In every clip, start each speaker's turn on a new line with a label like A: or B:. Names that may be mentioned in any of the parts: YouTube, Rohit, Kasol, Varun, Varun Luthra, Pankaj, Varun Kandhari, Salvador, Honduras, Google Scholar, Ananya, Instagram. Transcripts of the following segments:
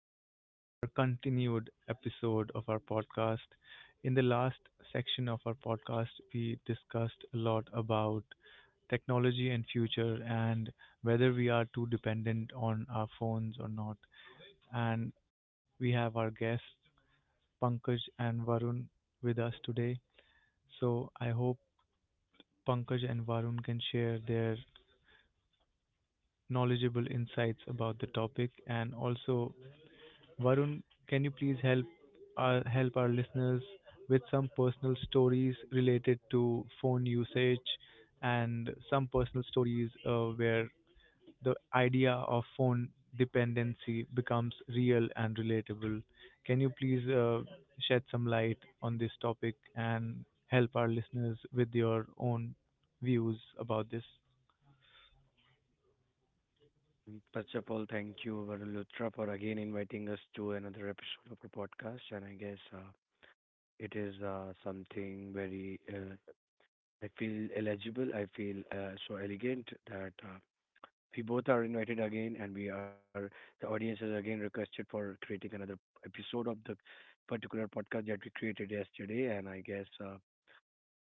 A: to our continued episode of our podcast. In the last section of our podcast, we discussed a lot about technology and future and whether we are too dependent on our phones or not. And we have our guests Pankaj and Varun with us today. So I hope Pankaj and Varun can share their knowledgeable insights about the topic and also Varun, can you please help our listeners with some personal stories related to phone usage and some personal stories where the idea of phone dependency becomes real and relatable? Can you please shed some light on this topic and help our listeners with your own views about this?
B: First of all, thank you, Varun Luthra, for again inviting us to another episode of our podcast. And it is something very. I feel eligible. I feel so elegant that we both are invited again, and we are, the audience is again requested for creating another episode of the particular podcast that we created yesterday. And I guess,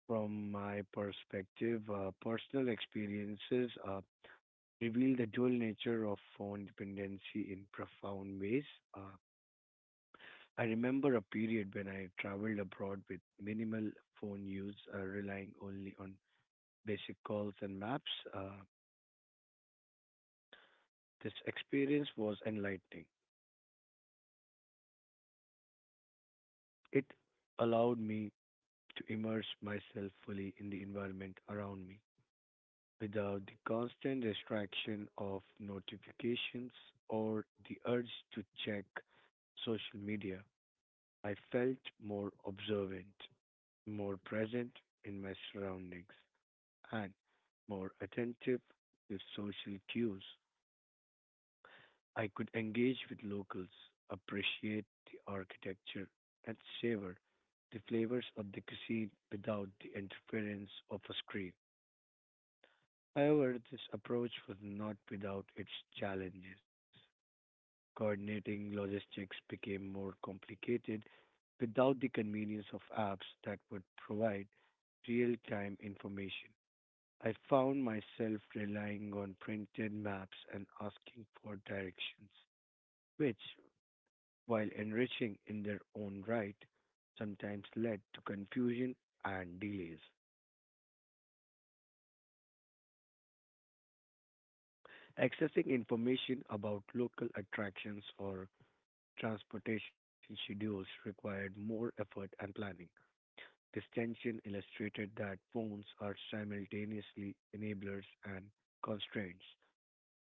B: from my perspective, personal experiences, reveal the dual nature of phone dependency in profound ways. Uh, I remember a period when I traveled abroad with minimal phone use, relying only on basic calls and maps. Uh, this experience was enlightening. It allowed me to immerse myself fully in the environment around me without the constant distraction of notifications or the urge to check social media. I felt more observant. More present in my surroundings, and more attentive to social cues. I could engage with locals, appreciate the architecture, and savor the flavors of the cuisine without the interference of a screen. However, this approach was not without its challenges. Coordinating logistics became more complicated without the convenience of apps that would provide real time information. I found myself relying on printed maps and asking for directions, which, while enriching in their own right, sometimes led to confusion and delays. Accessing information about local attractions or transportation schedules required more effort and planning. This tension illustrated that phones are simultaneously enablers and constraints.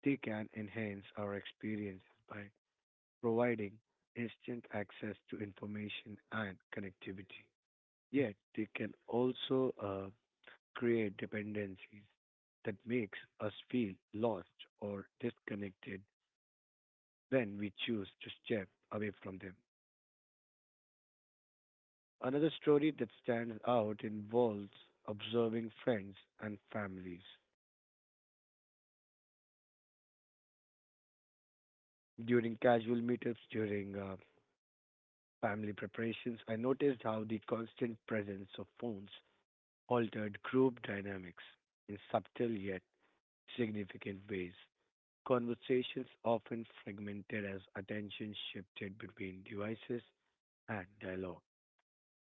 B: They can enhance our experiences by providing instant access to information and connectivity. Yet they can also create dependencies that makes us feel lost or disconnected when we choose to step away from them. Another story that stands out involves observing friends and families. During casual meetups, during family preparations, I noticed how the constant presence of phones altered group dynamics in subtle yet significant ways. Conversations often fragmented as attention shifted between devices and dialogue.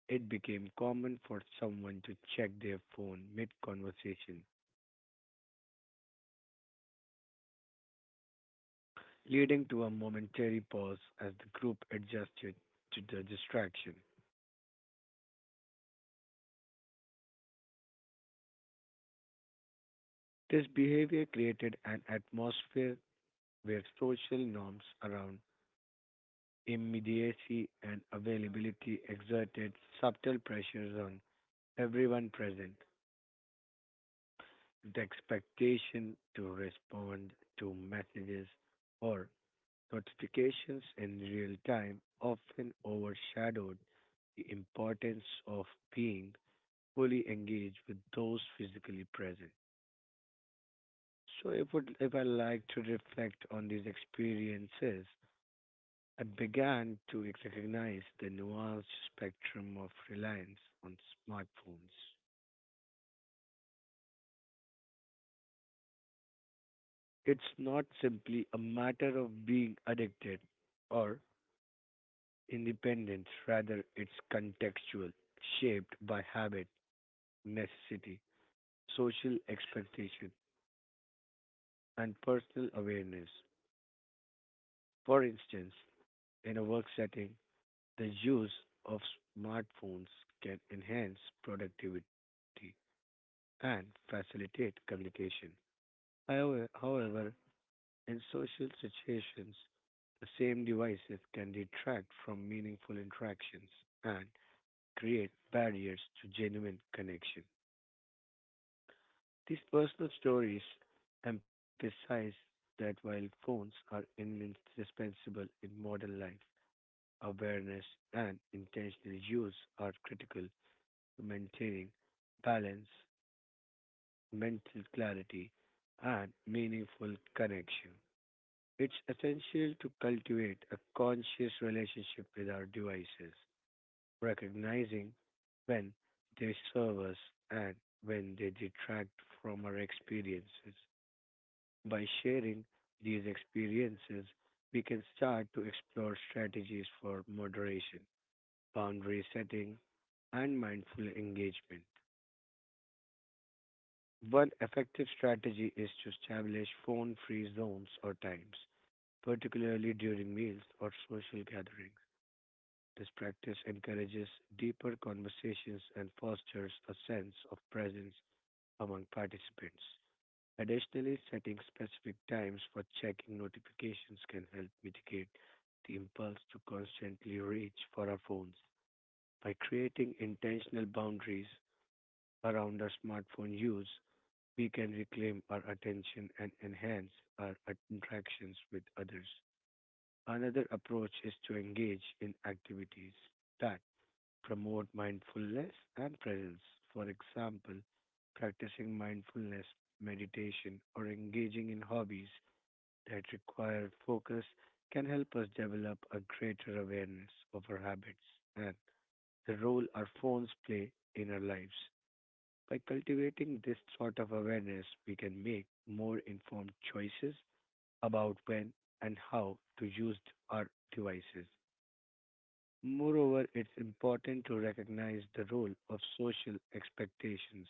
B: It became common for someone to check their phone mid conversation, leading to a momentary pause as the group adjusted to the distraction. This behavior created an atmosphere where social norms around immediacy and availability exerted subtle pressures on everyone present. The expectation to respond to messages or notifications in real time often overshadowed the importance of being fully engaged with those physically present. So if I like to reflect on these experiences, and began to recognize the nuanced spectrum of reliance on smartphones. It's not simply a matter of being addicted or independence; rather, it's contextual, shaped by habit, necessity, social expectation, and personal awareness. For instance, in a work setting, the use of smartphones can enhance productivity and facilitate communication. However, in social situations, the same devices can detract from meaningful interactions and create barriers to genuine connection. These personal stories emphasize that while phones are indispensable in modern life, awareness and intentional use are critical to maintaining balance, mental clarity, and meaningful connection. It's essential to cultivate a conscious relationship with our devices, recognizing when they serve us and when they detract from our experiences. By sharing these experiences, we can start to explore strategies for moderation, boundary setting, and mindful engagement. One effective strategy is to establish phone free zones or times, particularly during meals or social gatherings. This practice encourages deeper conversations and fosters a sense of presence among participants. Additionally, setting specific times for checking notifications can help mitigate the impulse to constantly reach for our phones. By creating intentional boundaries around our smartphone use, we can reclaim our attention and enhance our interactions with others. Another approach is to engage in activities that promote mindfulness and presence. For example, practicing mindfulness, meditation, or engaging in hobbies that require focus can help us develop a greater awareness of our habits and the role our phones play in our lives. By cultivating this sort of awareness, we can make more informed choices about when and how to use our devices. Moreover, it's important to recognize the role of social expectations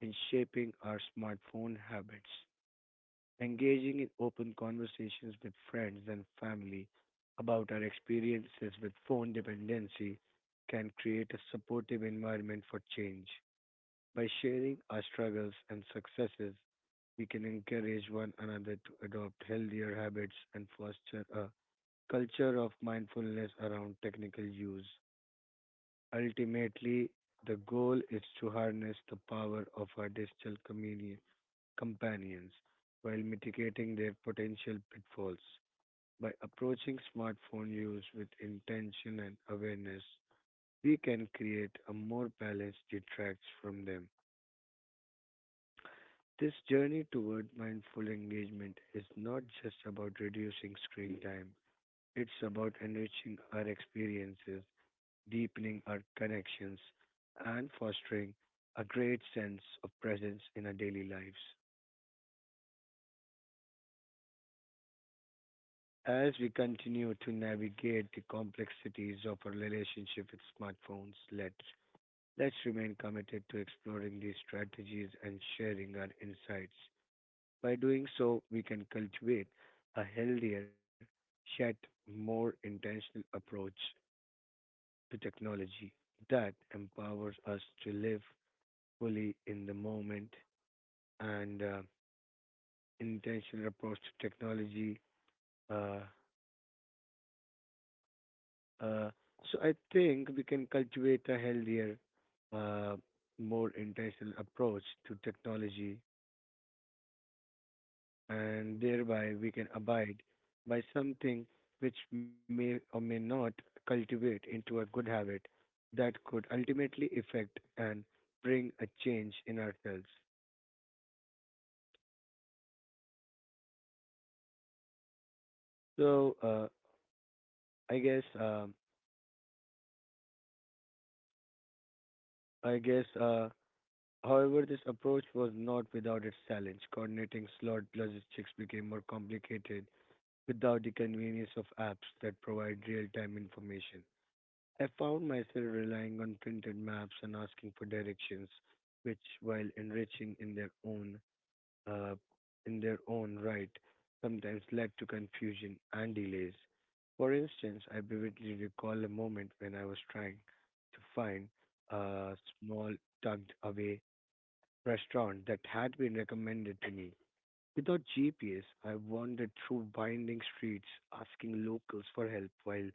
B: in shaping our smartphone habits. Engaging in open conversations with friends and family about our experiences with phone dependency can create a supportive environment for change. By sharing our struggles and successes, we can encourage one another to adopt healthier habits and foster a culture of mindfulness around technical use. Ultimately, the goal is to harness the power of our digital companions while mitigating their potential pitfalls. By approaching smartphone use with intention and awareness, we can create a more balanced detracts from them. This journey toward mindful engagement is not just about reducing screen time, it's about enriching our experiences deepening our connections, and fostering a great sense of presence in our daily lives. As we continue to navigate the complexities of our relationship with smartphones, let's remain committed to exploring these strategies and sharing our insights. By doing so, we can cultivate a healthier, yet more intentional approach to technology that empowers us to live fully in the moment and intentional approach to technology. Uh, uh, so I think we can cultivate a healthier, uh, more intentional approach to technology, and thereby we can abide by something which may or may not cultivate into a good habit that could ultimately affect and bring a change in ourselves. So I guess um I guess uh, however, this approach was not without its challenge. Coordinating slot logistics became more complicated without the convenience of apps that provide real time information. I found myself relying on printed maps and asking for directions, which, while enriching uh, in their own right, sometimes led to confusion and delays. For instance, I vividly recall a moment when I was trying to find a small tucked away restaurant that had been recommended to me. Without GPS, I wandered through winding streets asking locals for help, while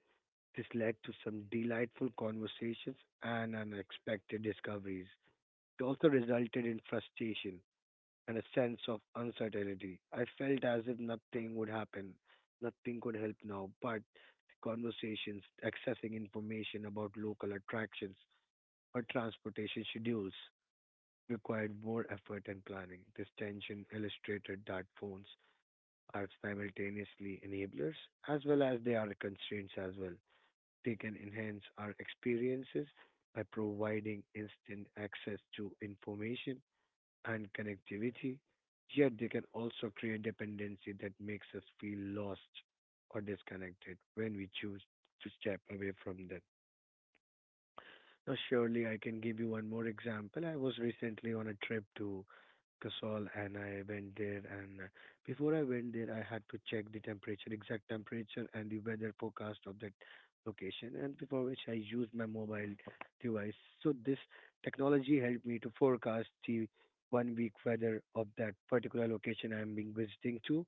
B: this led to some delightful conversations and unexpected discoveries. It also resulted in frustration and a sense of uncertainty. I felt as if nothing would happen, nothing could help now, but conversations, accessing information about local attractions or transportation schedules required more effort and planning. This tension illustrated that phones are simultaneously enablers as well as they are constraints as well. They can enhance our experiences by providing instant access to information and connectivity, yet they can also create dependency that makes us feel lost or disconnected when we choose to step away from them. No, surely I can give you one more example. I was recently on a trip to Kasol and I went there and before I went there I had to check the temperature, exact temperature and the weather forecast of that location and before which I used my mobile device. So this technology helped me to forecast the 1 week weather of that particular location I am being visiting to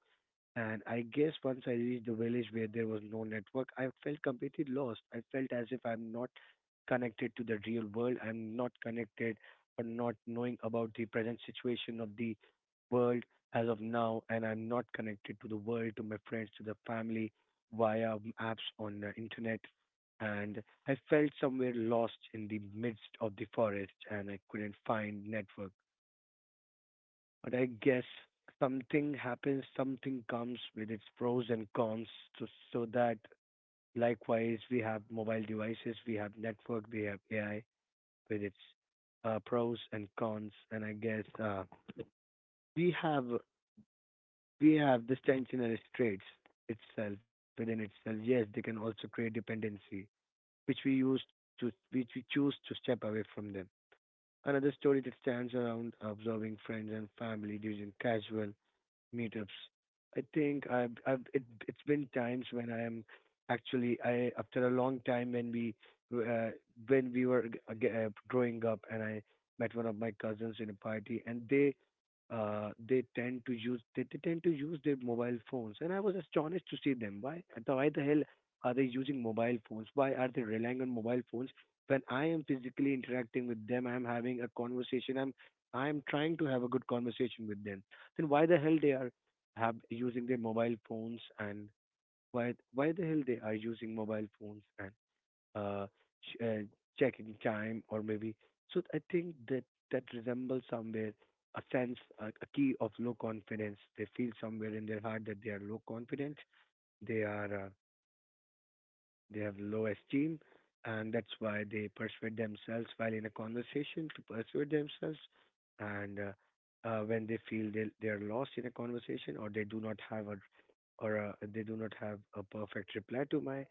B: and I guess once I reached the village where there was no network, I felt completely lost. I felt as if I'm not connected to the real world. I'm not connected or not knowing about the present situation of the world as of now. And I'm not connected to the world, to my friends, to the family via apps on the internet. And I felt somewhere lost in the midst of the forest and I couldn't find network. But I guess something happens, something comes with its pros and cons. So, so that likewise, we have mobile devices, we have network, we have AI with its pros and cons. And I guess, we have we have this tensionary traits itself within itself. Yes, they can also create dependency, which we choose to step away from them. Another story that stands around observing friends and family during casual meetups. I think it's been times when I am actually I after a long time when uh, we were growing up and I met one of my cousins in a party and they tend to use their mobile phones and I was astonished to see them. Why the hell are they using mobile phones? Why are they relying on mobile phones when I am physically interacting with them? I am having a conversation. I'm trying to have a good conversation with them, then why the hell they are have using their mobile phones? And why the hell they are using mobile phones and uh, sh- uh checking time or maybe. So I think that resembles somewhere a key of low confidence. They feel somewhere in their heart that they are low confident. They are they have low esteem, and that's why they persuade themselves while in a conversation to persuade themselves. And When they feel they are lost in a conversation, or they do not have a or they do not have a perfect reply to my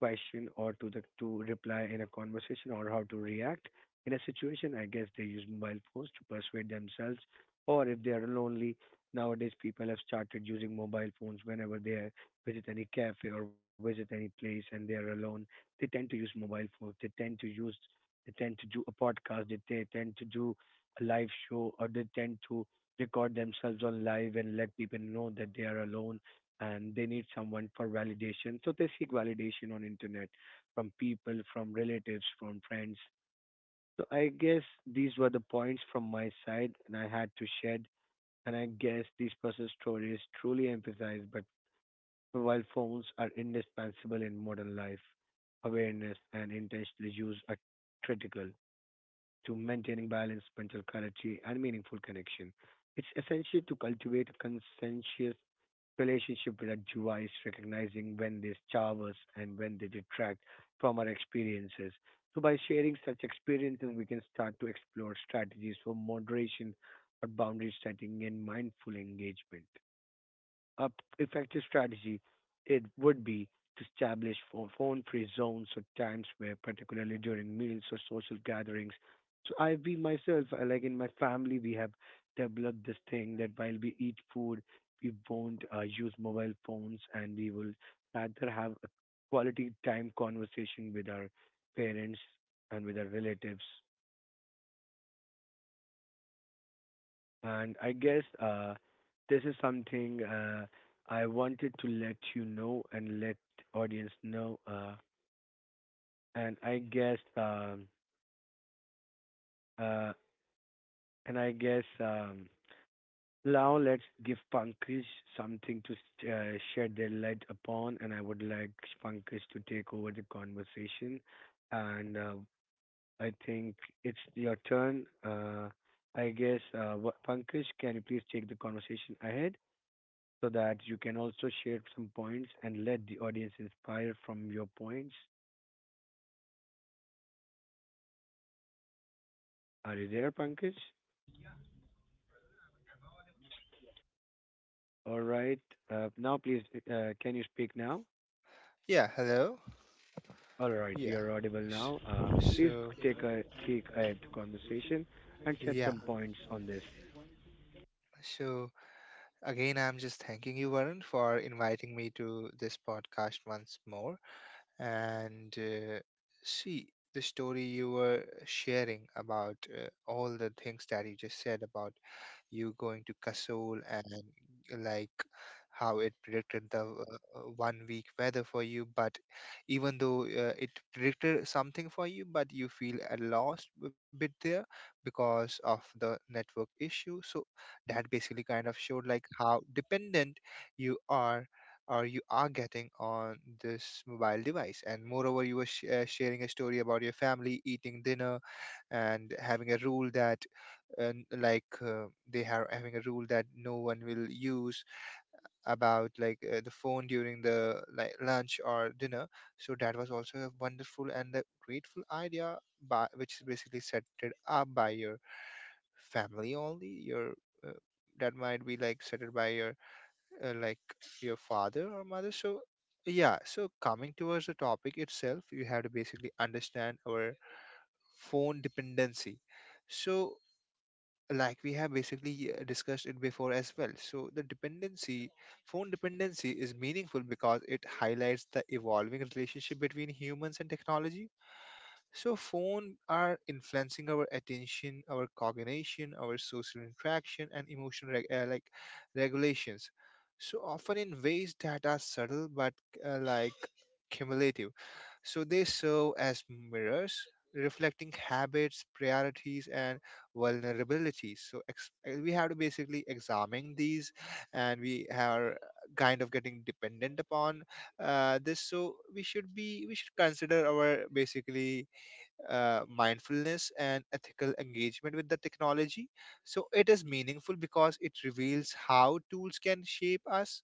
B: question or to reply in a conversation or how to react in a situation, I guess they use mobile phones to persuade themselves, or if they are lonely. Nowadays people have started using mobile phones whenever they visit any cafe or visit any place and they are alone, they tend to use mobile phones. They tend to do a podcast. They tend to do a live show, or they tend to record themselves on live and let people know that they are alone and they need someone for validation. So they seek validation on internet from people, from relatives, from friends. So I guess these were the points from my side and I had to shed. And I guess this person's story is truly emphasized, but while phones are indispensable in modern life, awareness and intentional use are critical to maintaining balance, mental clarity, and meaningful connection. It's essential to cultivate a conscientious relationship with a device, recognizing when they starve us and when they detract from our experiences. So, by sharing such experiences, we can start to explore strategies for moderation or boundary setting and mindful engagement. a p- Effective strategy, it would be to establish phone-free zones or times, where, particularly during meals or social gatherings. So I, we myself, like in my family, we have developed this thing that while we eat food, we won't use mobile phones, and we will rather have a quality time conversation with our parents and with our relatives. And I guess this is something I wanted to let you know and let audience know. And I guess um, uh, and I guess Now let's give Pankaj something to shed their light upon. And I would like Pankaj to take over the conversation. And I think it's your turn. Pankaj, can you please take the conversation ahead, so that you can also share some points and let the audience inspire from your points? Are you there, Pankaj? All right. Now, please, can you speak now?
C: Yeah, hello.
B: All right,
C: Yeah.
B: you're audible
C: sh-
B: now. Please
C: So,
B: take ahead the conversation and shed
C: yeah.
B: some points on this.
C: So, Again, I'm just thanking you, Varun, for inviting me to this podcast once more. And uh, see, the story you were sharing about all the things that you just said about you going to Kasol and like how it predicted the 1 week weather for you. But even though it predicted something for you, but you feel at lost a bit there because of the network issue. So that basically kind of showed like how dependent you are or you are getting on this mobile device. And moreover, you were sharing a story about your family eating dinner and having a rule that and like they are having a rule that no one will use, about like the phone during the like lunch or dinner. So that was also a wonderful and a grateful idea, by which is basically set it up by your family only, your uh, that might be like set it by your uh, like your father or mother. So yeah, so coming towards the topic itself, you have to basically understand our phone dependency. So like we have basically discussed it before as well. So the dependency, phone dependency is meaningful because it highlights the evolving relationship between humans and technology. So phone are influencing our attention, our cognition, our social interaction, and emotional regulations. So often in ways that are subtle but uh, like cumulative. So they serve as mirrors, reflecting habits, priorities, and vulnerabilities. So we have to basically examine these, and we are kind of getting dependent upon this. So we should consider our basically mindfulness and ethical engagement with the technology. So it is meaningful because it reveals how tools can shape us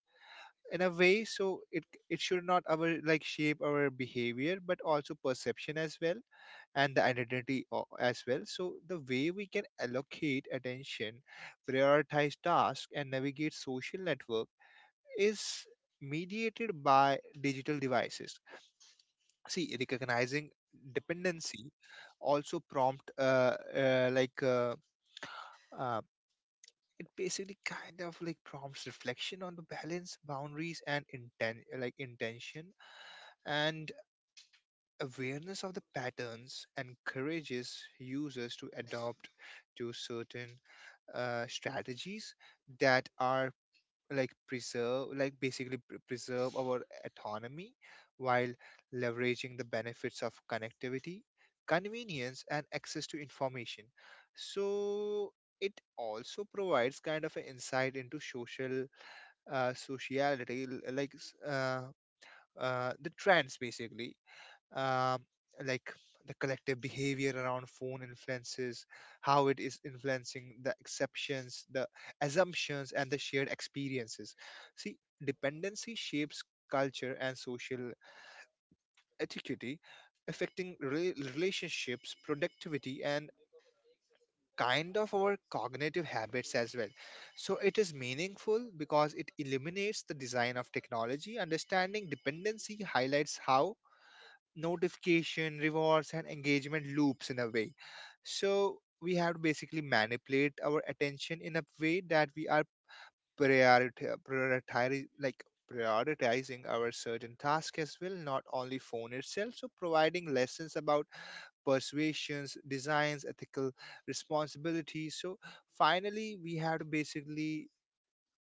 C: in a way. So it should not our like shape our behavior, but also perception as well and the identity as well. So the way we can allocate attention, prioritize tasks, and navigate social network is mediated by digital devices. See, recognizing dependency also prompt like uh, it basically kind of like prompts reflection on the balance boundaries and intention, and awareness of the patterns encourages users to adopt to certain strategies that are like preserve, like basically preserve our autonomy while leveraging the benefits of connectivity, convenience, and access to information. So it also provides kind of an insight into social sociality l- like s- the trends basically. um, like the collective behavior around phone influences, how it is influencing the exceptions, the assumptions, and the shared experiences. See, dependency shapes culture and social etiquette, affecting relationships, productivity, and kind of our cognitive habits as well. So it is meaningful because it eliminates the design of technology. Understanding dependency highlights how notification, rewards, and engagement loops in a way. So we have to basically manipulate our attention in a way that we are prioritizing, like prioritizing our certain task as well, not only phone itself. So providing lessons about persuasions, designs, ethical responsibilities. So finally, we have to basically,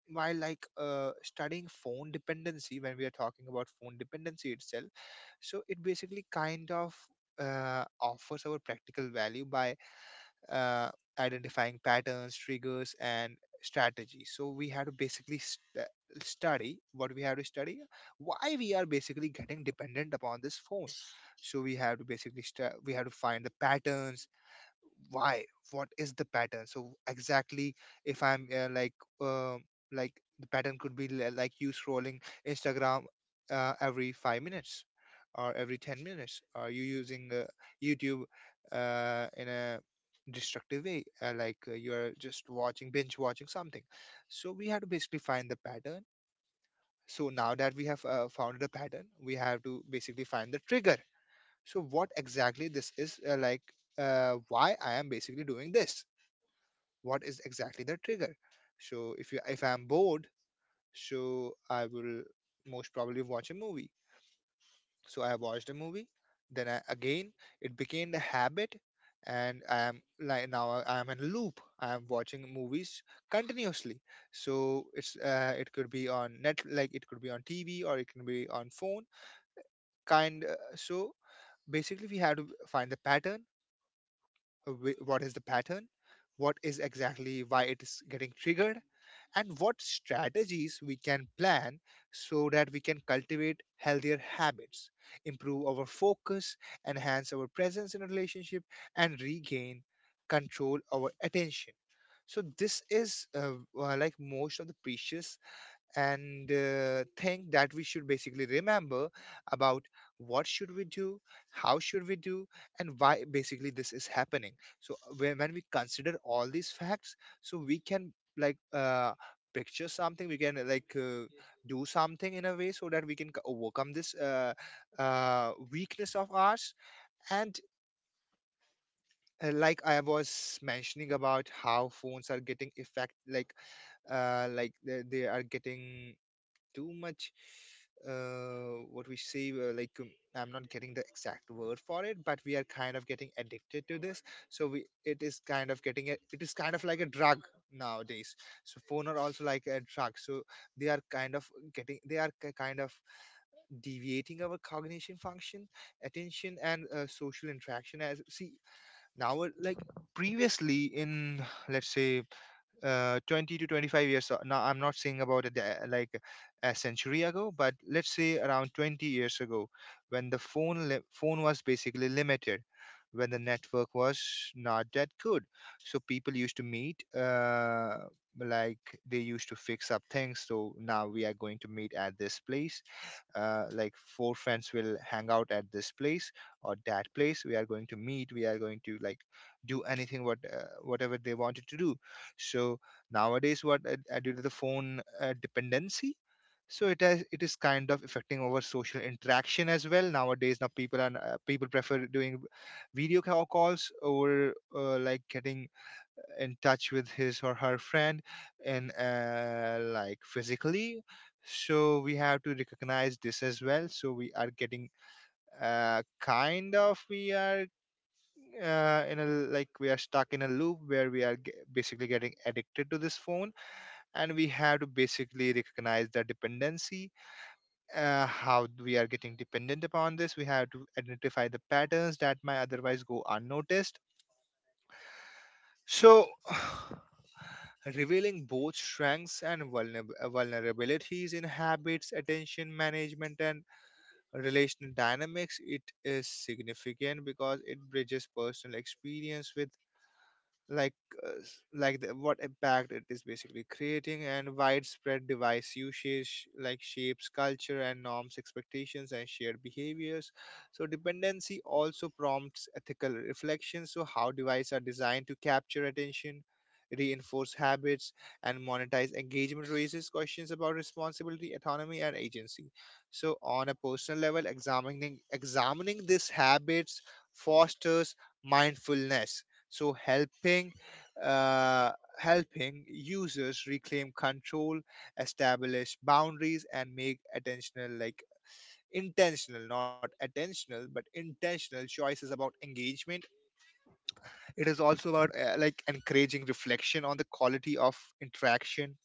C: while studying phone dependency, when we are talking about phone dependency itself, so it basically kind of offers our practical value by uh, identifying patterns, triggers, and strategies. So we have to basically study what we have to study, why we are basically getting dependent upon this phone. So we have to basically we have to find the patterns, why, what is the pattern. So exactly, if I'm uh, like the pattern could be like you scrolling instagram every 5 minutes or every 10 minutes, or you using youtube in a destructive way, you're just watching, binge watching something. So we have to basically find the pattern. So now that we have found the pattern, we have to basically find the trigger. So what exactly this is, why I am basically doing this, what is exactly the trigger. So if I'm bored, so I will most probably watch a movie. So I watched a movie, then I, again, it became a habit, and I am like, now I am in a loop, I am watching movies continuously. So it's it could be on net, like it could be on tv, or it can be on phone kind so basically we have to find the pattern, what is the pattern, what is exactly why it is getting triggered, and what strategies we can plan so that we can cultivate healthier habits, improve our focus, enhance our presence in a relationship, and regain control our attention. So this is most of the precious and thing that we should basically remember about what should we do, how should we do, and why basically this is happening. So when we consider all these facts, so we can like uh, picture something, we can do something in a way so that we can overcome this weakness of ours. And I was mentioning about how phones are getting effect, like they are getting too much what we say, I'm not getting the exact word for it, but we are kind of getting addicted to this. So we it is kind of getting a, it is kind of like a drug nowadays. So phone are also like a drug, so they are kind of getting, they are kind of deviating our cognition function, attention, and social interaction as. See, now, like, previously, in let's say 20 to 25 years, now I'm not saying about it a century ago, but let's say around 20 years ago, when the phone was basically limited, when the network was not that good. So people used to meet like they used to fix up things, so now we are going to meet at this place, four friends will hang out at this place or that place, we are going to meet, we are going to like do anything what whatever they wanted to do. So nowadays what due to the phone dependency, so it is kind of affecting our social interaction as well. Nowadays, now people prefer doing calls over getting in touch with his or her friend in, physically. So we have to recognize this as well. So we are getting we are in a like we are stuck in a loop where we are basically getting addicted to this phone, and we have to basically recognize the dependency, how we are getting dependent upon this. We have to identify the patterns that might otherwise go unnoticed. So, revealing both strengths and vulnerabilities in habits, attention management, and relational dynamics, it is significant because it bridges personal experience with like like the, what impact it is basically creating, and widespread device usage like shapes culture and norms, expectations, and shared behaviors. So dependency also prompts ethical reflections, so how devices are designed to capture attention, reinforce habits, and monetize engagement raises questions about responsibility, autonomy, and agency. So on a personal level, examining these habits fosters mindfulness, so helping uh, helping users reclaim control, establish boundaries, and make attentional, like intentional, not attentional but intentional choices about engagement. It is also about encouraging reflection on the quality of interaction,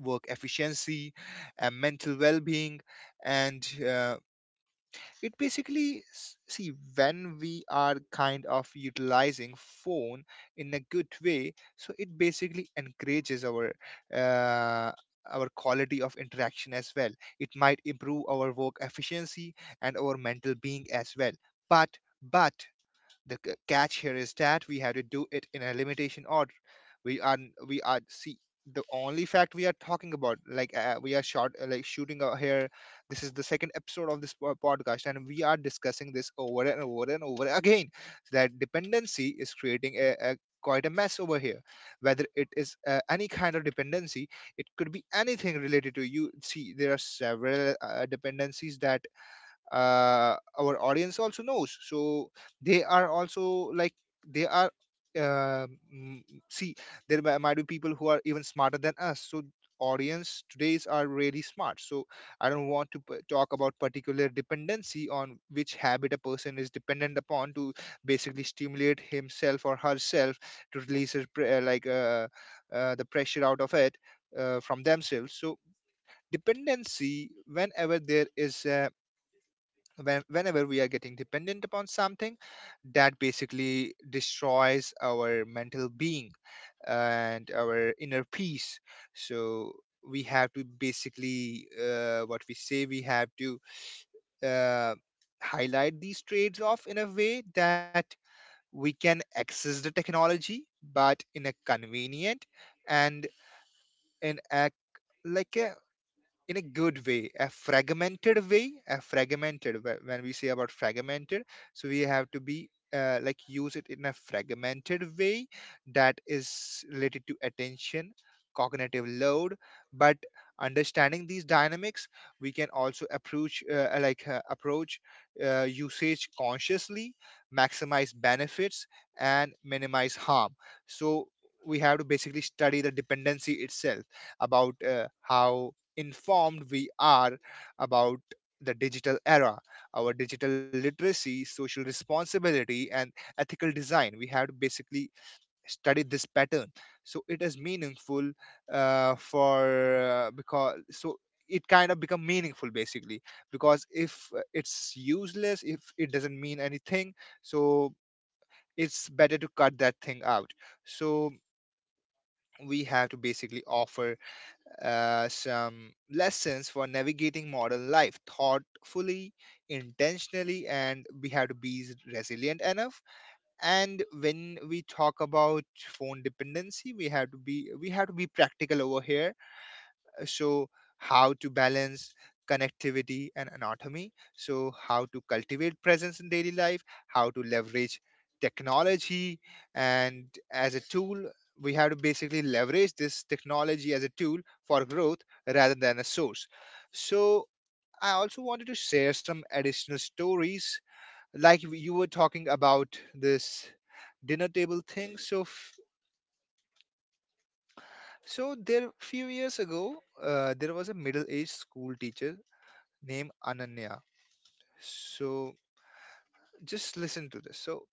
C: work efficiency, and mental well-being. And it basically see, when we are kind of utilizing phone in a good way, so it basically encourages uh, our quality of interaction as well. It might improve our work efficiency and our mental being as well. but but the catch here is that we have to do it in a limitation order. We are we are see the only fact we are talking about, like, we are shot like shooting out here. This is the second episode of this podcast and we are discussing this over and over and over again. So that dependency is creating a quite a mess over here, whether it is any kind of dependency. It could be anything related to, you see, there are several dependencies that our audience also knows, so they are also like, they are uh, mm, see, there might be people who are even smarter than us, so audience today's are really smart. So I don't want to talk about particular dependency on which habit a person is dependent upon to basically stimulate himself or herself, to release his pre- like the pressure out of it, from themselves. So dependency, whenever there is a, whenever we are getting dependent upon something, that basically destroys our mental being and our inner peace. So we have to basically, what we say, we have to uh, highlight these trades off in a way that we can access the technology, but in a convenient and in a like a in a good way, a fragmented way, a fragmented, when we say about fragmented. So we have to be, use it in a fragmented way that is related to attention, cognitive load. But understanding these dynamics, we can also approach usage consciously, maximize benefits, and minimize harm. So we have to basically study the dependency itself, about how informed we are about the digital era, our digital literacy, social responsibility, and ethical design. We have to basically study this pattern. So it is meaningful, for because so it kind of become meaningful basically, because if it's useless, if it doesn't mean anything, so it's better to cut that thing out. So we have to basically offer some lessons for navigating modern life thoughtfully, intentionally, and we have to be resilient enough. And when we talk about phone dependency, we have to be practical over here. So how to balance connectivity and anatomy, so how to cultivate presence in daily life, how to leverage technology and as a tool. We have to basically leverage this technology as a tool for growth rather than a source. So I also wanted to share some additional stories, like you were talking about this dinner table thing, so so there few years ago, there was a middle-aged school teacher named Ananya. So just listen to this. So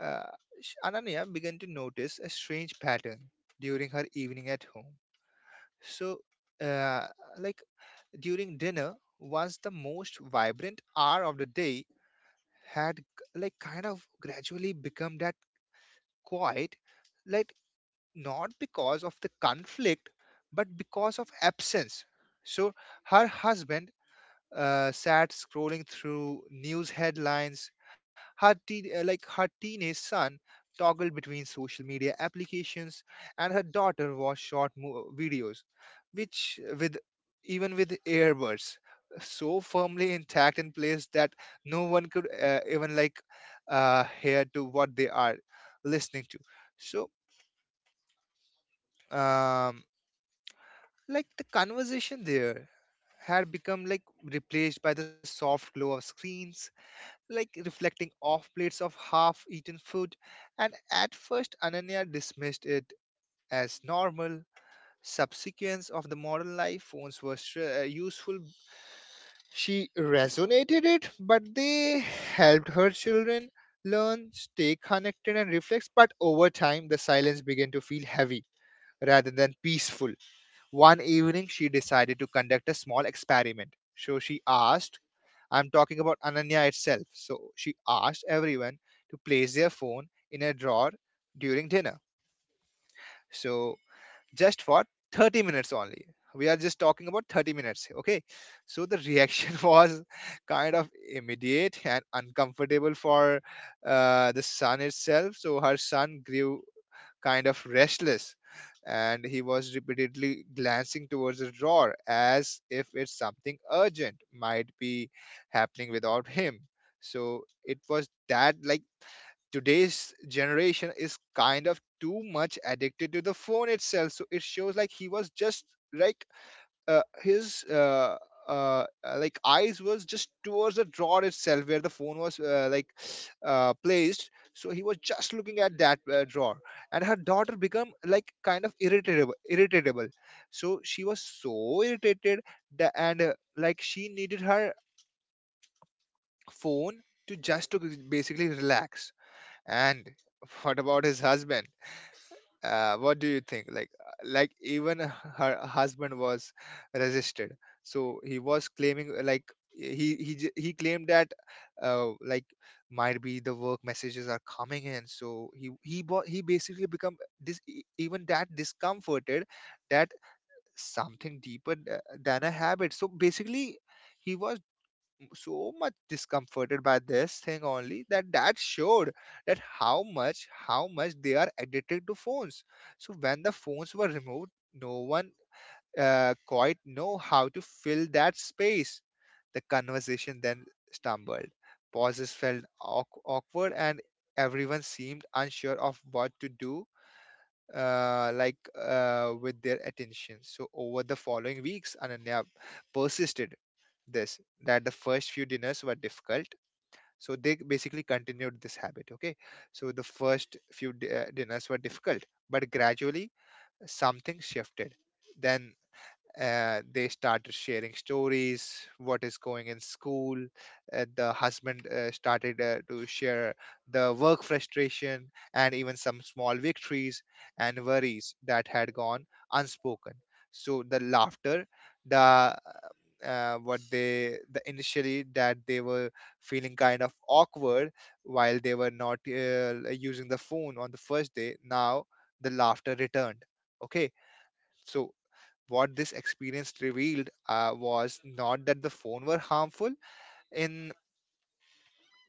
C: uh, Ananya began to notice a strange pattern during her evening at home. So uh, like during dinner was the most vibrant hour of the day, had kind of gradually become that quiet, like, not because of the conflict but because of absence. So her husband sat scrolling through news headlines. Her teenage son toggled between social media applications, and her daughter watched short videos, which with even with earbuds so firmly intact in place that no one could even hear to what they are listening to. So, um, the conversation there had become like replaced by the soft glow of screens, like reflecting off plates of half eaten food. And at first Ananya dismissed it as normal. Subsequence of the modern life, phones were useful. She resonated it, but they helped her children learn, stay connected, and reflect. But over time, the silence began to feel heavy rather than peaceful. One evening, she decided to conduct a small experiment. So she asked, I'm talking about Ananya itself. So she asked everyone to place their phone in a drawer during dinner. So just for 30 minutes only. We are just talking about 30 minutes. Okay. So the reaction was kind of immediate and uncomfortable for the son itself. So her son grew kind of restless, and he was repeatedly glancing towards the drawer as if it's something urgent might be happening without him. So it was that like today's generation is kind of too much addicted to the phone itself. So it shows like he was just like, his like eyes was just towards the drawer itself where the phone was placed, so he was just looking at that drawer. And her daughter become like kind of irritable, so she was so irritated that, and she needed her phone to just to basically relax. And what about his husband, what do you think, like, even her husband was resisted. So he was claiming, he claimed that uh, like might be the work messages are coming in, so he he basically become this, even that discomforted, that something deeper than a habit. So basically he was so much discomforted by this thing only, that that showed that how much they are addicted to phones. So when the phones were removed, no one quite know how to fill that space. The conversation then stumbled, pauses felt awkward, and everyone seemed unsure of what to do uh, like with their attention. So over the following weeks, Ananya persisted this, that the first few dinners were difficult. So they basically continued this habit. Okay, so the first few dinners were difficult, but gradually something shifted. Then they started sharing stories, what is going in school. The husband started to share the work frustration and even some small victories and worries that had gone unspoken. So the laughter, the what they the initially that they were feeling kind of awkward while they were not using the phone on the first day, now the laughter returned. Okay. So what this experience revealed was not that the phone were harmful in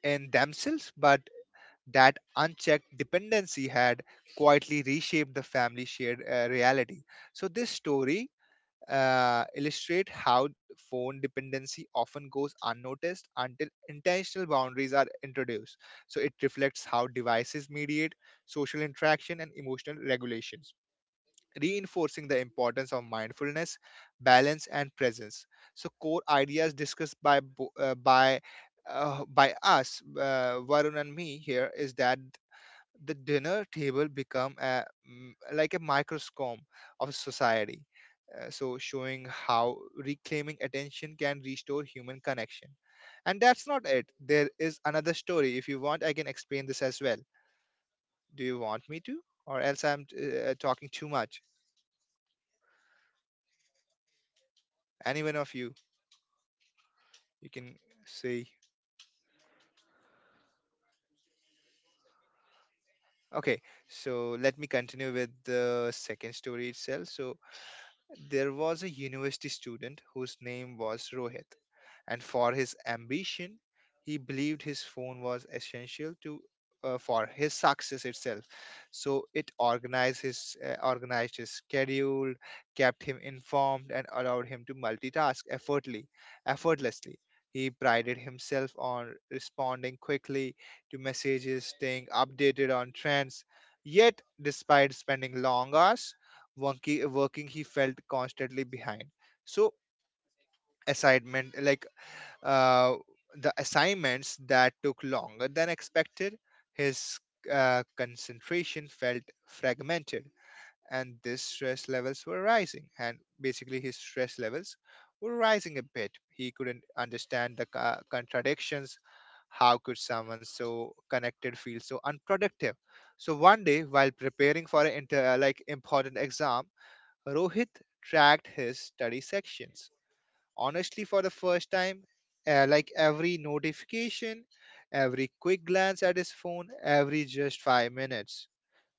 C: in themselves, but that unchecked dependency had quietly reshaped the family shared reality. So this story illustrate how phone dependency often goes unnoticed until intentional boundaries are introduced. So it reflects how devices mediate social interaction and emotional regulations, reinforcing the importance of mindfulness, balance, and presence. So, core ideas discussed by bo- by us, Varun and me here, is that the dinner table become a, mm, like a microscope of society. So, showing how reclaiming attention can restore human connection. And that's not it. There is another story. If you want, I can explain this as well. Do you want me to? Or else I'm talking too much. Any one of you, you can say. Okay, so let me continue with the second story itself. So there was a university student whose name was Rohit. And for his ambition, he believed his phone was essential to, for his success itself. So it organized his organized his schedule, kept him informed, and allowed him to multitask effortlessly. Effortlessly, he prided himself on responding quickly to messages, staying updated on trends. Yet, despite spending long hours, wonky, working, he felt constantly behind. So, assignment like uh, the assignments that took longer than expected. His concentration felt fragmented, and this stress levels were rising. And basically, his stress levels were rising a bit. He couldn't understand the contradictions. How could someone so connected feel so unproductive? So one day, while preparing for an important exam, Rohit tracked his study sections honestly for the first time. Every notification, every quick glance at his phone, every just 5 minutes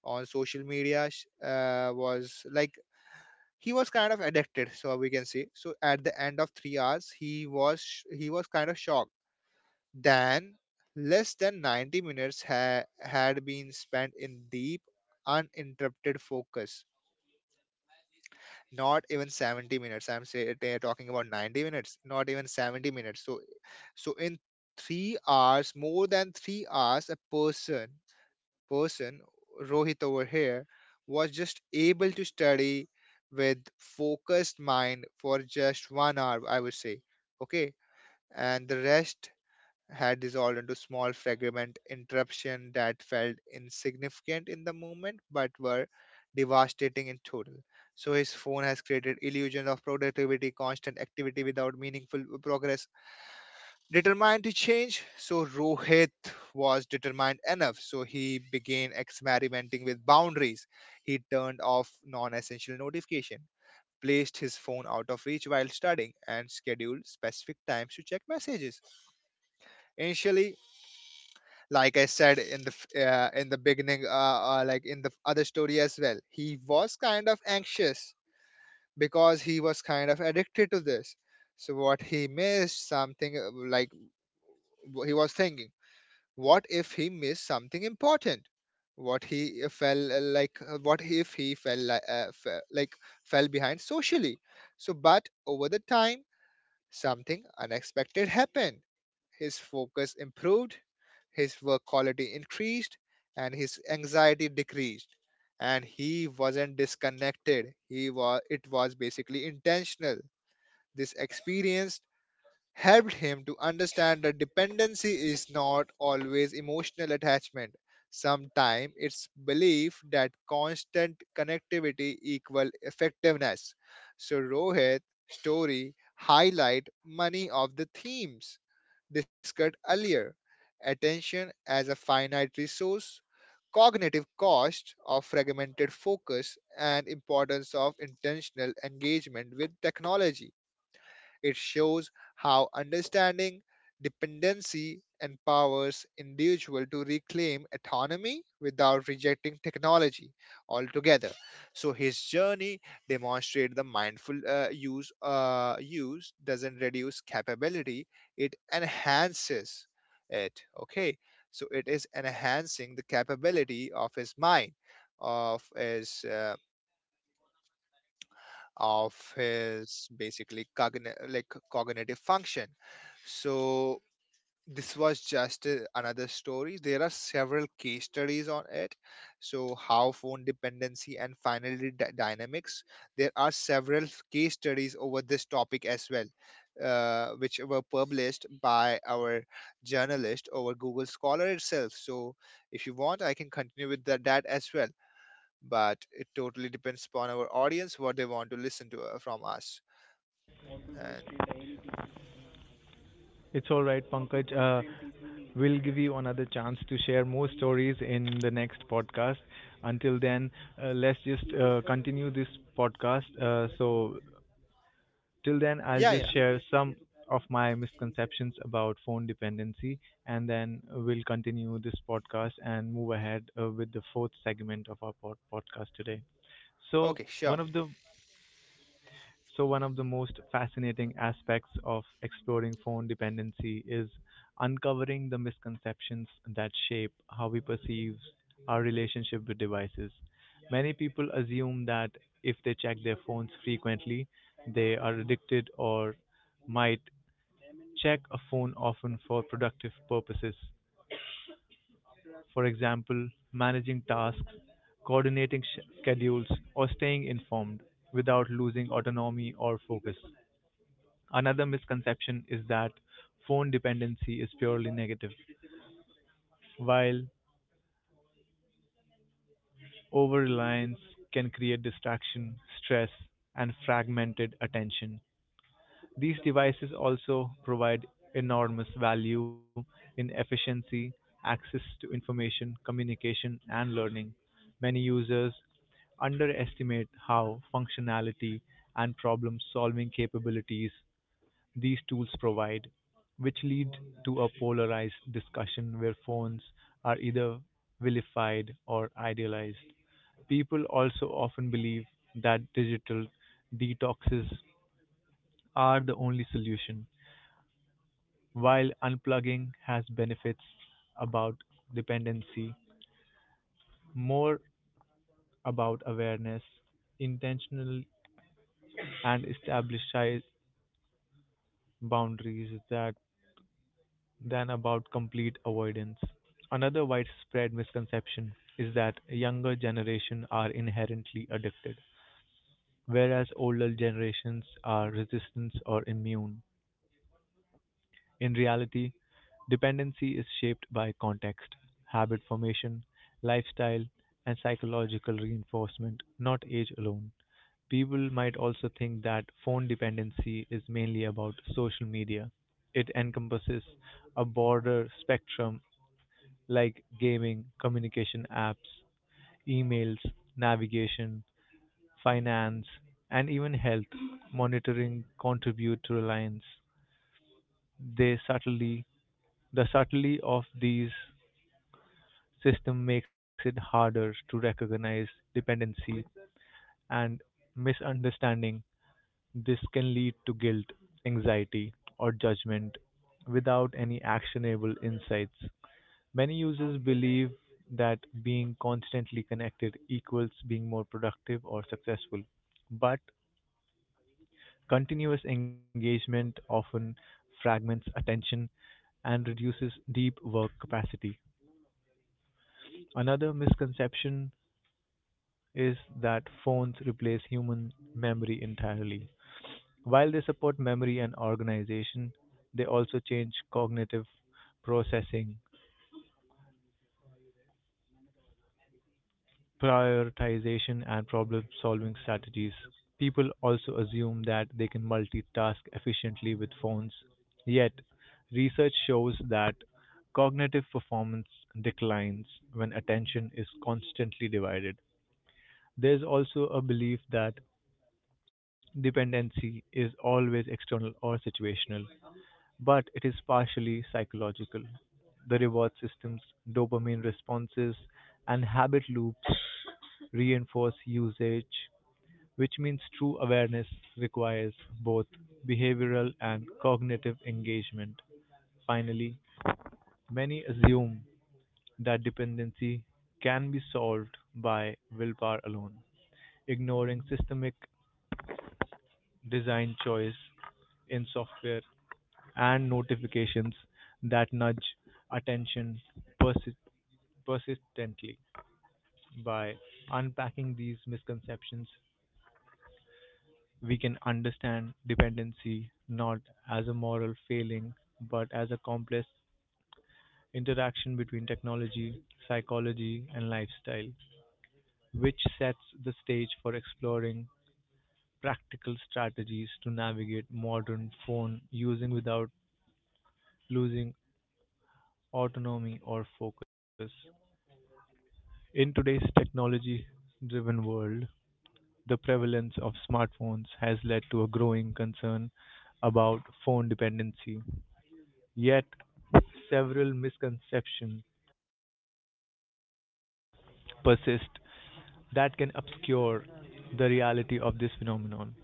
C: on social media was like, he was kind of addicted, so we can say. So at the end of 3 hours he was he was kind of shocked. Then less than 90 minutes had been spent in deep uninterrupted focus. Not even 70 minutes, I'm talking about 90 minutes, not even 70 minutes. So, so in 3 hours, more than 3 hours, a person, Rohit over here, was just able to study with focused mind for just 1 hour I would say. Okay. And the rest had dissolved into small fragment interruption that felt insignificant in the moment but were devastating in total. So his phone has created illusion of productivity, constant activity without meaningful progress. Determined to change, so Rohit was determined enough. So he began experimenting with boundaries. He turned off non-essential notification, placed his phone out of reach while studying, and scheduled specific times to check messages. Initially, like I said in in the beginning, in the other story as well, he was kind of anxious because he was kind of addicted to this. So what he missed something he was thinking, what if he missed something important? What he fell like? What if he fell li- fe- like fell behind socially? So, but over the time, something unexpected happened. His focus improved, his work quality increased, and his anxiety decreased. And he wasn't disconnected, he was, it was basically intentional. This experience helped him to understand that dependency is not always emotional attachment. Sometimes it's belief that constant connectivity equal effectiveness. So Rohit's story highlight many of the themes discussed earlier. Attention as a finite resource, cognitive cost of fragmented focus, and importance of intentional engagement with technology. It shows how understanding dependency empowers individual to reclaim autonomy without rejecting technology altogether. So his journey demonstrates the mindful use doesn't reduce capability; it enhances it. Okay, so it is enhancing the capability of his mind, of his uh, of his basically cognitive function. So this was just another story. There are several case studies on it. So how phone dependency and finally dynamics. There are several case studies over this topic as well, which were published by our journalist over Google Scholar itself. So if you want, I can continue with that as well, but it totally depends upon our audience what they want to listen to from us. And
A: It's all right, Pankaj. We'll give you another chance to share more stories in the next podcast. Until then, let's just continue this podcast. So, till then, I'll
C: yeah,
A: just
C: yeah.
A: share some of my misconceptions about phone dependency, and then we'll continue this podcast and move ahead with the fourth segment of our podcast today. So,
C: Okay, sure.
A: one of the so, one of the most fascinating aspects of exploring phone dependency is uncovering the misconceptions that shape how we perceive our relationship with devices. Many people assume that if they check their phones frequently, they are addicted or might check a phone often for productive purposes. For example, managing tasks, coordinating schedules, or staying informed without losing autonomy or focus. Another misconception is that phone dependency is purely negative, while over reliance can create distraction, stress, and fragmented attention. These devices also provide enormous value in efficiency, access to information, communication, and learning. Many users underestimate how functionality and problem solving capabilities these tools provide, which lead to a polarized discussion where phones are either vilified or idealized. People also often believe that digital detoxes are the only solution. While unplugging has benefits about dependency, more about awareness, intentional, and established boundaries that than about complete avoidance. Another widespread misconception is that younger generation are inherently addicted, whereas older generations are resistant or immune. In reality, dependency is shaped by context, habit formation, lifestyle, and psychological reinforcement, not age alone. People might also think that phone dependency is mainly about social media. It encompasses a broader spectrum like gaming, communication apps, emails, navigation, finance, and even health monitoring contribute to reliance. They subtly, the subtlety of these system makes it harder to recognize dependency and misunderstanding. This can lead to guilt, anxiety, or judgment without any actionable insights. Many users believe that being constantly connected equals being more productive or successful, but continuous engagement often fragments attention and reduces deep work capacity. Another misconception is that phones replace human memory entirely. While they support memory and organization, they also change cognitive processing prioritization and problem-solving strategies, people also assume that they can multitask efficiently with phones. Yet, research shows that cognitive performance declines when attention is constantly divided. There's also a belief that dependency is always external or situational, but it is partially psychological. The reward systems, dopamine responses, and habit loops reinforce usage, which means true awareness requires both behavioral and cognitive engagement. Finally, many assume that dependency can be solved by willpower alone, ignoring systemic design choice in software and notifications that nudge attention persi- persistently. By unpacking these misconceptions, we can understand dependency not as a moral failing, but as a complex interaction between technology, psychology, and lifestyle, which sets the stage for exploring practical strategies to navigate modern phone using without losing autonomy or focus. In today's technology driven world, the prevalence of smartphones has led to a growing concern about phone dependency. Yet, several misconceptions persist that can obscure the reality of this phenomenon.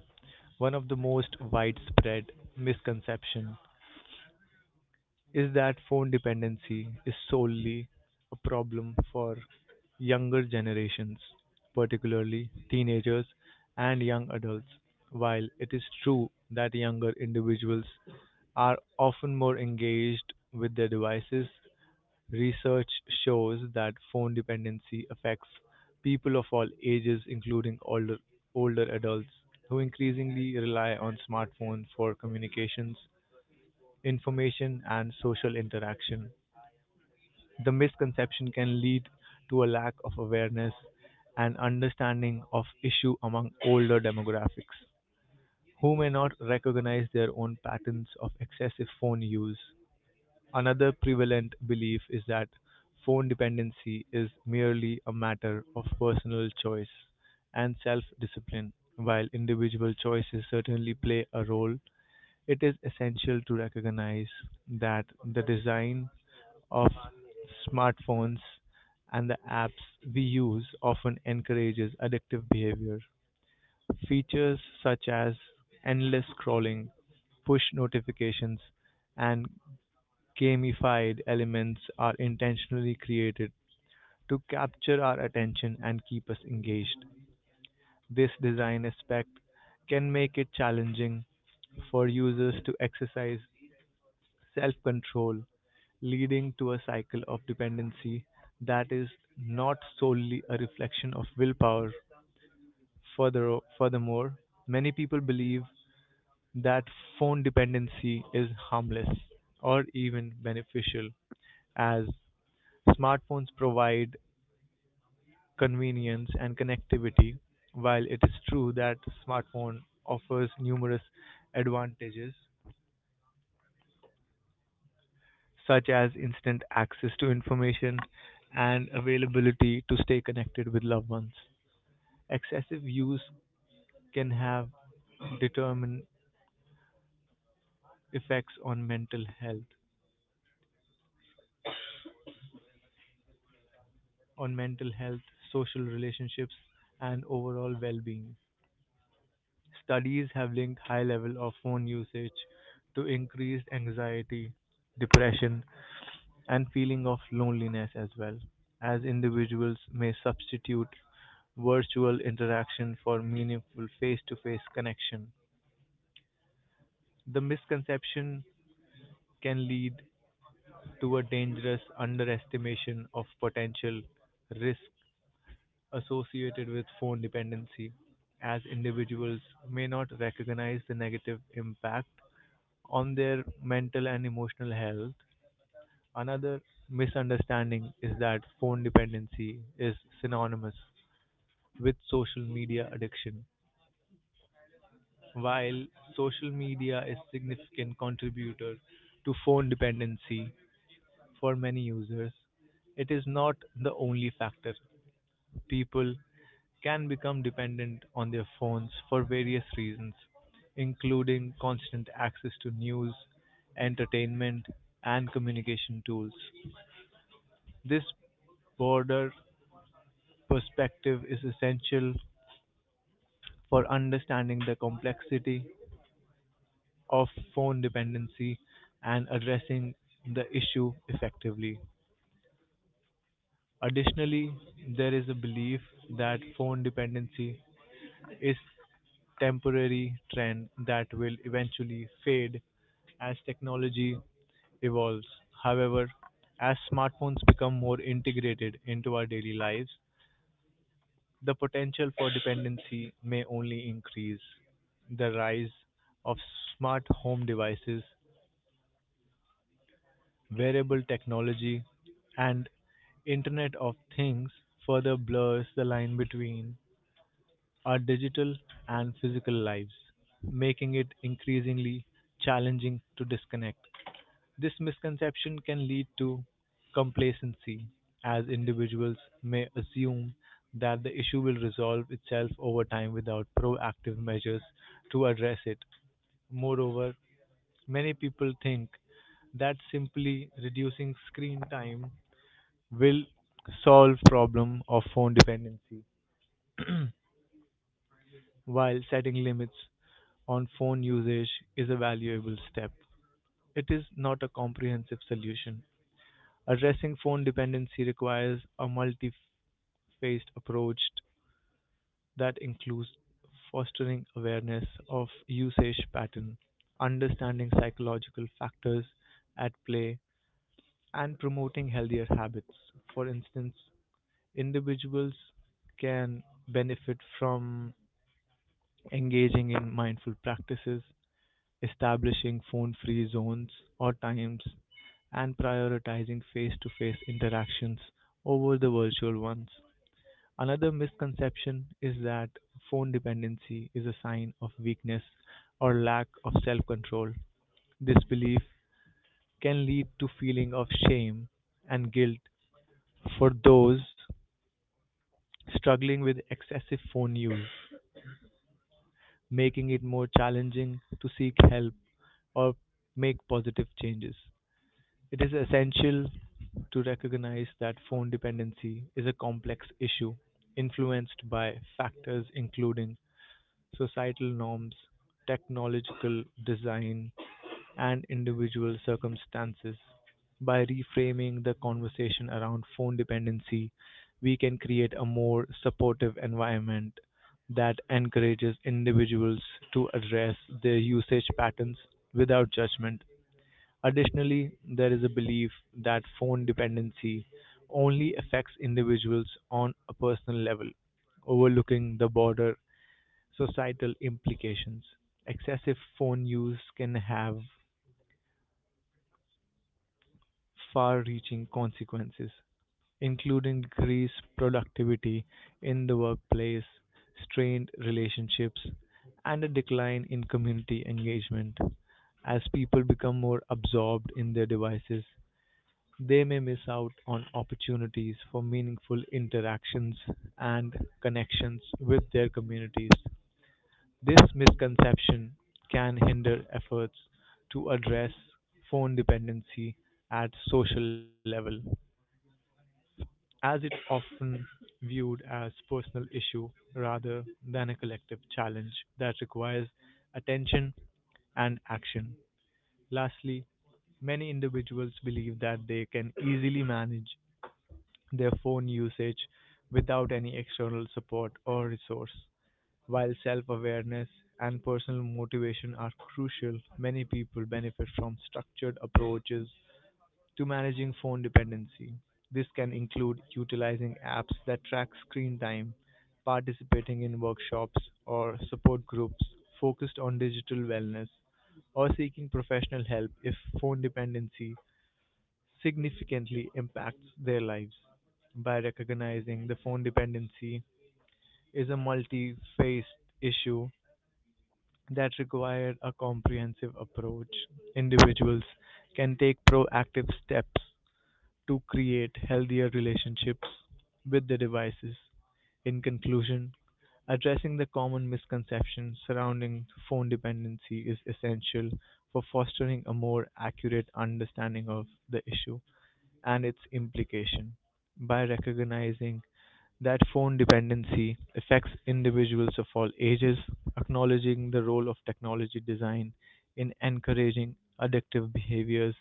A: One of the most widespread misconceptions is that phone dependency is solely a problem for younger generations, particularly teenagers and young adults. While it is true that younger individuals are often more engaged with their devices, research shows that phone dependency affects people of all ages, including older adults who increasingly rely on smartphones for communications information, and social interaction. The misconception can lead to a lack of awareness and understanding of issue among older demographics who may not recognize their own patterns of excessive phone use. Another prevalent belief is that phone dependency is merely a matter of personal choice and self discipline. While individual choices certainly play a role, it is essential to recognize that the design of smartphones and the apps we use often encourages addictive behavior. Features such as endless scrolling, push notifications, and gamified elements are intentionally created to capture our attention and keep us engaged. This design aspect can make it challenging for users to exercise self-control, leading to a cycle of dependency that is not solely a reflection of willpower. Furthermore, many people believe that phone dependency is harmless or even beneficial, as smartphones provide convenience and connectivity. While it is true that smartphone offers numerous advantages, such as instant access to information and availability to stay connected with loved ones. Excessive use can have determined effects on mental health, social relationships, and overall well-being. Studies have linked high level of phone usage to increased anxiety, depression, and feeling of loneliness as well, as individuals may substitute virtual interaction for meaningful face-to-face connection. The misconception can lead to a dangerous underestimation of potential risk associated with phone dependency, as individuals may not recognize the negative impact on their mental and emotional health. Another misunderstanding is that phone dependency is synonymous with social media addiction. While social media is significant contributor to phone dependency for many users, it is not the only factor. People can become dependent on their phones for various reasons, including constant access to news, entertainment, and communication tools. This broader perspective is essential for understanding the complexity of phone dependency and addressing the issue effectively. Additionally, there is a belief that phone dependency is temporary trend that will eventually fade as technology evolves. However, as smartphones become more integrated into our daily lives, the potential for dependency may only increase. The rise of smart home devices, wearable technology, and Internet of Things further blurs the line between our digital and physical lives, making it increasingly challenging to disconnect. This misconception can lead to complacency, as individuals may assume that the issue will resolve itself over time without proactive measures to address it. Moreover, many people think that simply reducing screen time will solve problem of phone dependency while setting limits on phone usage is a valuable step. It is not a comprehensive solution. Addressing phone dependency requires a multi phased approach that includes fostering awareness of usage pattern, understanding psychological factors at play, and promoting healthier habits. For instance, individuals can benefit from engaging in mindful practices establishing phone-free zones or times, and prioritizing face-to-face interactions over the virtual ones. Another misconception is that phone dependency is a sign of weakness or lack of self-control. This belief can lead to feeling of shame and guilt for those struggling with excessive phone use, making it more challenging to seek help or make positive changes. It is essential to recognize that phone dependency is a complex issue influenced by factors including societal norms, technological design, and individual circumstances. By reframing the conversation around phone dependency, we can create a more supportive environment that encourages individuals to address their usage patterns without judgment. Additionally, there is a belief that phone dependency only affects individuals on a personal level, overlooking the broader societal implications. Excessive phone use can have far reaching consequences, including decreased productivity in the workplace, strained relationships, and a decline in community engagement as people become more absorbed in their devices. They may miss out on opportunities for meaningful interactions and connections with their communities. This misconception can hinder efforts to address phone dependency at social level, as it's often viewed as personal issue rather than a collective challenge that requires attention and action. Lastly, many individuals believe that they can easily manage their phone usage without any external support or resource. While self awareness and personal motivation are crucial, many people benefit from structured approaches to managing phone dependency. This can include utilizing apps that track screen time, participating in workshops or support groups focused on digital wellness, or seeking professional help if phone dependency significantly impacts their lives. By recognizing the phone dependency is a multi-faced issue that requires a comprehensive approach, individuals can take proactive steps to create healthier relationships with the devices. In conclusion, addressing the common misconceptions surrounding phone dependency is essential for fostering a more accurate understanding of the issue and its implication. By recognizing that phone dependency affects individuals of all ages, acknowledging the role of technology design in encouraging addictive behaviors,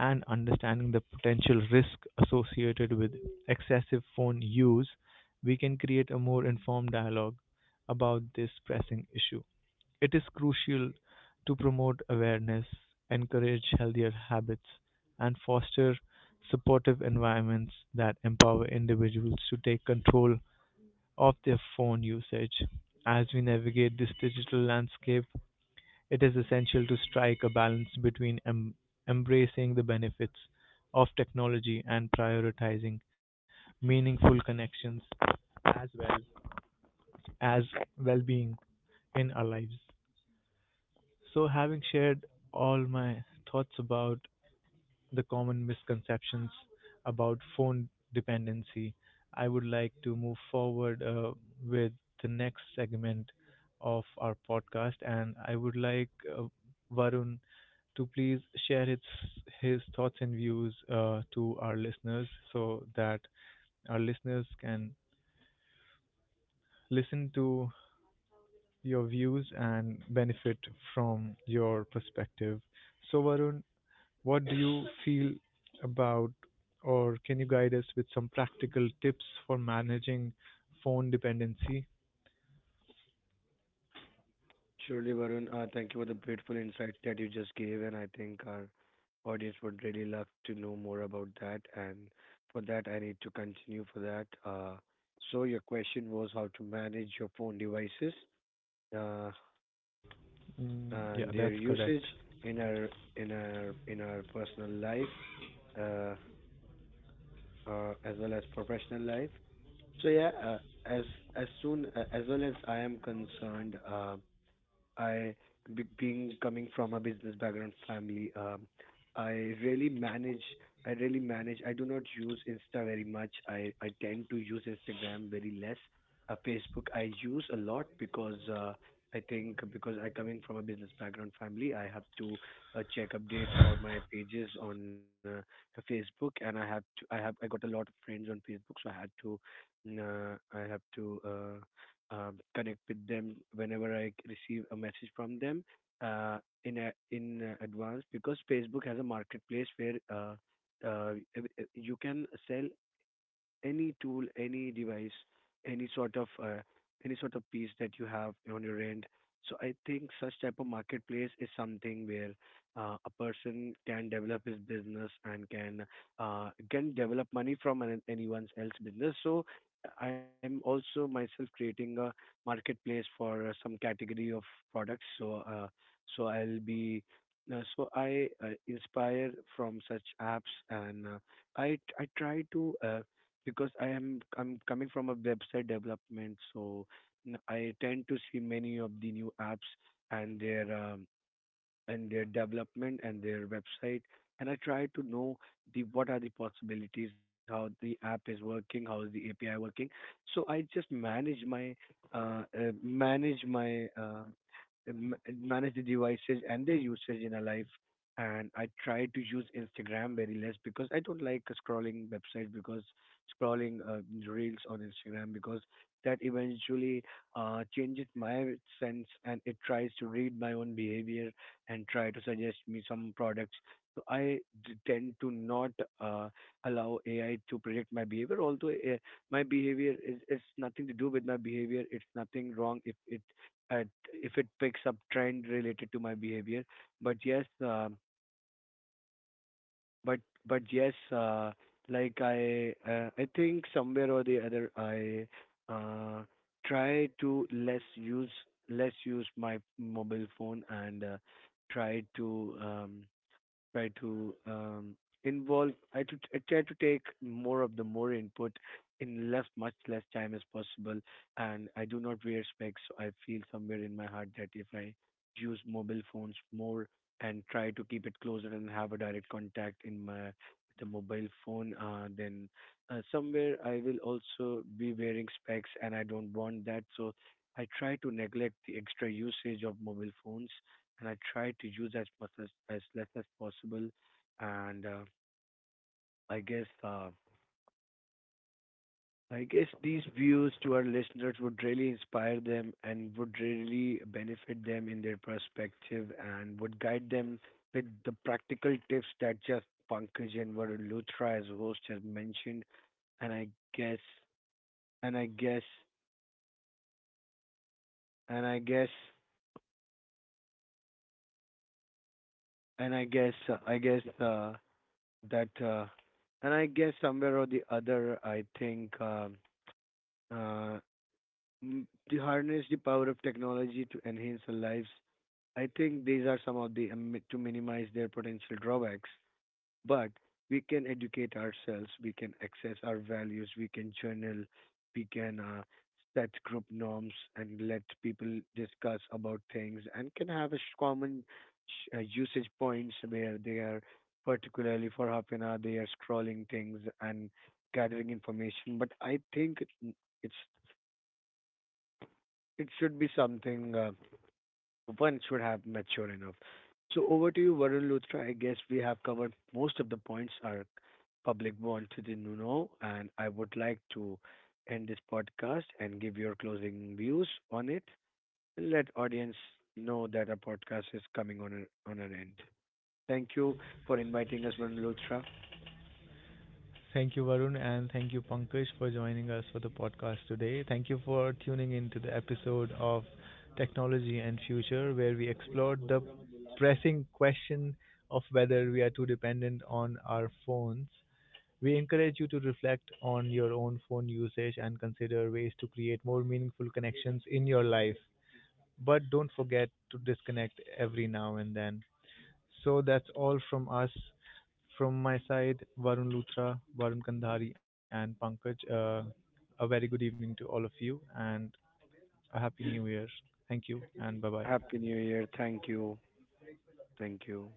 A: and understanding the potential risk associated with excessive phone use, we can create a more informed dialogue about this pressing issue. It is crucial to promote awareness, encourage healthier habits, and foster supportive environments that empower individuals to take control of their phone usage. As we navigate this digital landscape, it is essential to strike a balance between embracing the benefits of technology and prioritizing meaningful connections as well as well being in our lives. So, having shared all my thoughts about the common misconceptions about phone dependency, I would like to move forward with the next segment of our podcast, and I would like uh, Varun to please share his thoughts and views to our listeners, so that our listeners can listen to your views and benefit from your perspective. So, Varun, what do you feel about, or can you guide us with some practical tips for managing phone dependency?
B: Surely, Varun, thank you for the beautiful insights that you just gave, and I think our audience would really love to know more about that. And for that, I need to continue for that. So your question was how to manage your phone devices uh,
A: Mm, yeah,
B: and their
A: that's
B: usage
A: correct.
B: in our in our personal life uh, as well as professional life. So yeah, as as soon as well as I am concerned, I, being coming from a business background family, I really manage. I really manage. I do not use Insta very much. I tend to use Instagram very less. Facebook I use a lot because I think because I coming from a business background family, I have to check updates for my pages on Facebook, and I have to. I have. I got a lot of friends on Facebook, so I had to. Mm. I have to. Connect with them whenever I receive a message from them, uh, in a, in advance, because Facebook has a marketplace where uh, you can sell any tool, any device, any sort of uh, any sort of piece that you have on your end. So I think such type of marketplace is something where a person can develop his business and can develop money from an, anyone's else business. So I'm also myself creating a marketplace for some category of products. So so I'll be so I inspire from such apps. And I try to because I'm coming from a website development, so I tend to see many of the new apps and their um, and their development and their website, and I try to know the what are the possibilities, how the app is working, how is the API working. So I just manage my manage my manage the devices and their usage in a life. And I try to use Instagram very less because I don't like scrolling websites, because scrolling reels on Instagram, because that eventually changes my sense and it tries to read my own behavior and try to suggest me some products. So I tend to not uh, allow AI to predict my behavior. Although my behavior is, it's nothing to do with my behavior. It's nothing wrong uh, if it picks up trend related to my behavior. But yes, uh, but but yes, like I, I think somewhere or the other I uh, try to less use my mobile phone, and try to try to um, involve I, to, I try to take more of the more input in less, much less time as possible. And I do not wear specs, so I feel somewhere in my heart that if I use mobile phones more and try to keep it closer and have a direct contact in my with the mobile phone, then somewhere I will also be wearing specs, and I don't want that. So I try to neglect the extra usage of mobile phones, and I try to use as much as less as possible. And I guess uh, I guess these views to our listeners would really inspire them and would really benefit them in their perspective and would guide them with the practical tips that just Pankaj and Varun Luthra as host has mentioned. And I guess and I guess and I guess and I guess that and I guess Somewhere or the other I think, uh, to harness the power of technology to enhance our lives. I think these are some of the to minimize their potential drawbacks, but we can educate ourselves, we can access our values, we can journal, we can set group norms and let people discuss about things and can have a common usage points where they are particularly for half an hour they are scrolling things and gathering information. But I think it's, it should be something one should have mature enough. So over to you, Varun Luthra. I guess we have covered most of the points our public wanted to know, and I would like to end this podcast and give your closing views on it. Let audience know that our podcast is coming on a, on an end. Thank you for inviting us, Varun Luthra.
A: Thank you, Varun, and thank you, Pankaj, for joining us for the podcast today. Thank you for tuning in to the episode of Technology and Future, where we explored the pressing question of whether we are too dependent on our phones. We encourage you to reflect on your own phone usage and consider ways to create more meaningful connections in your life. But don't forget to disconnect every now and then. So that's all from us. From my side, Varun Luthra, Varun Kandhari, and Pankaj, a very good evening to all of you and a happy new year. Thank you and bye bye.
B: Happy New Year. Thank you. Thank you.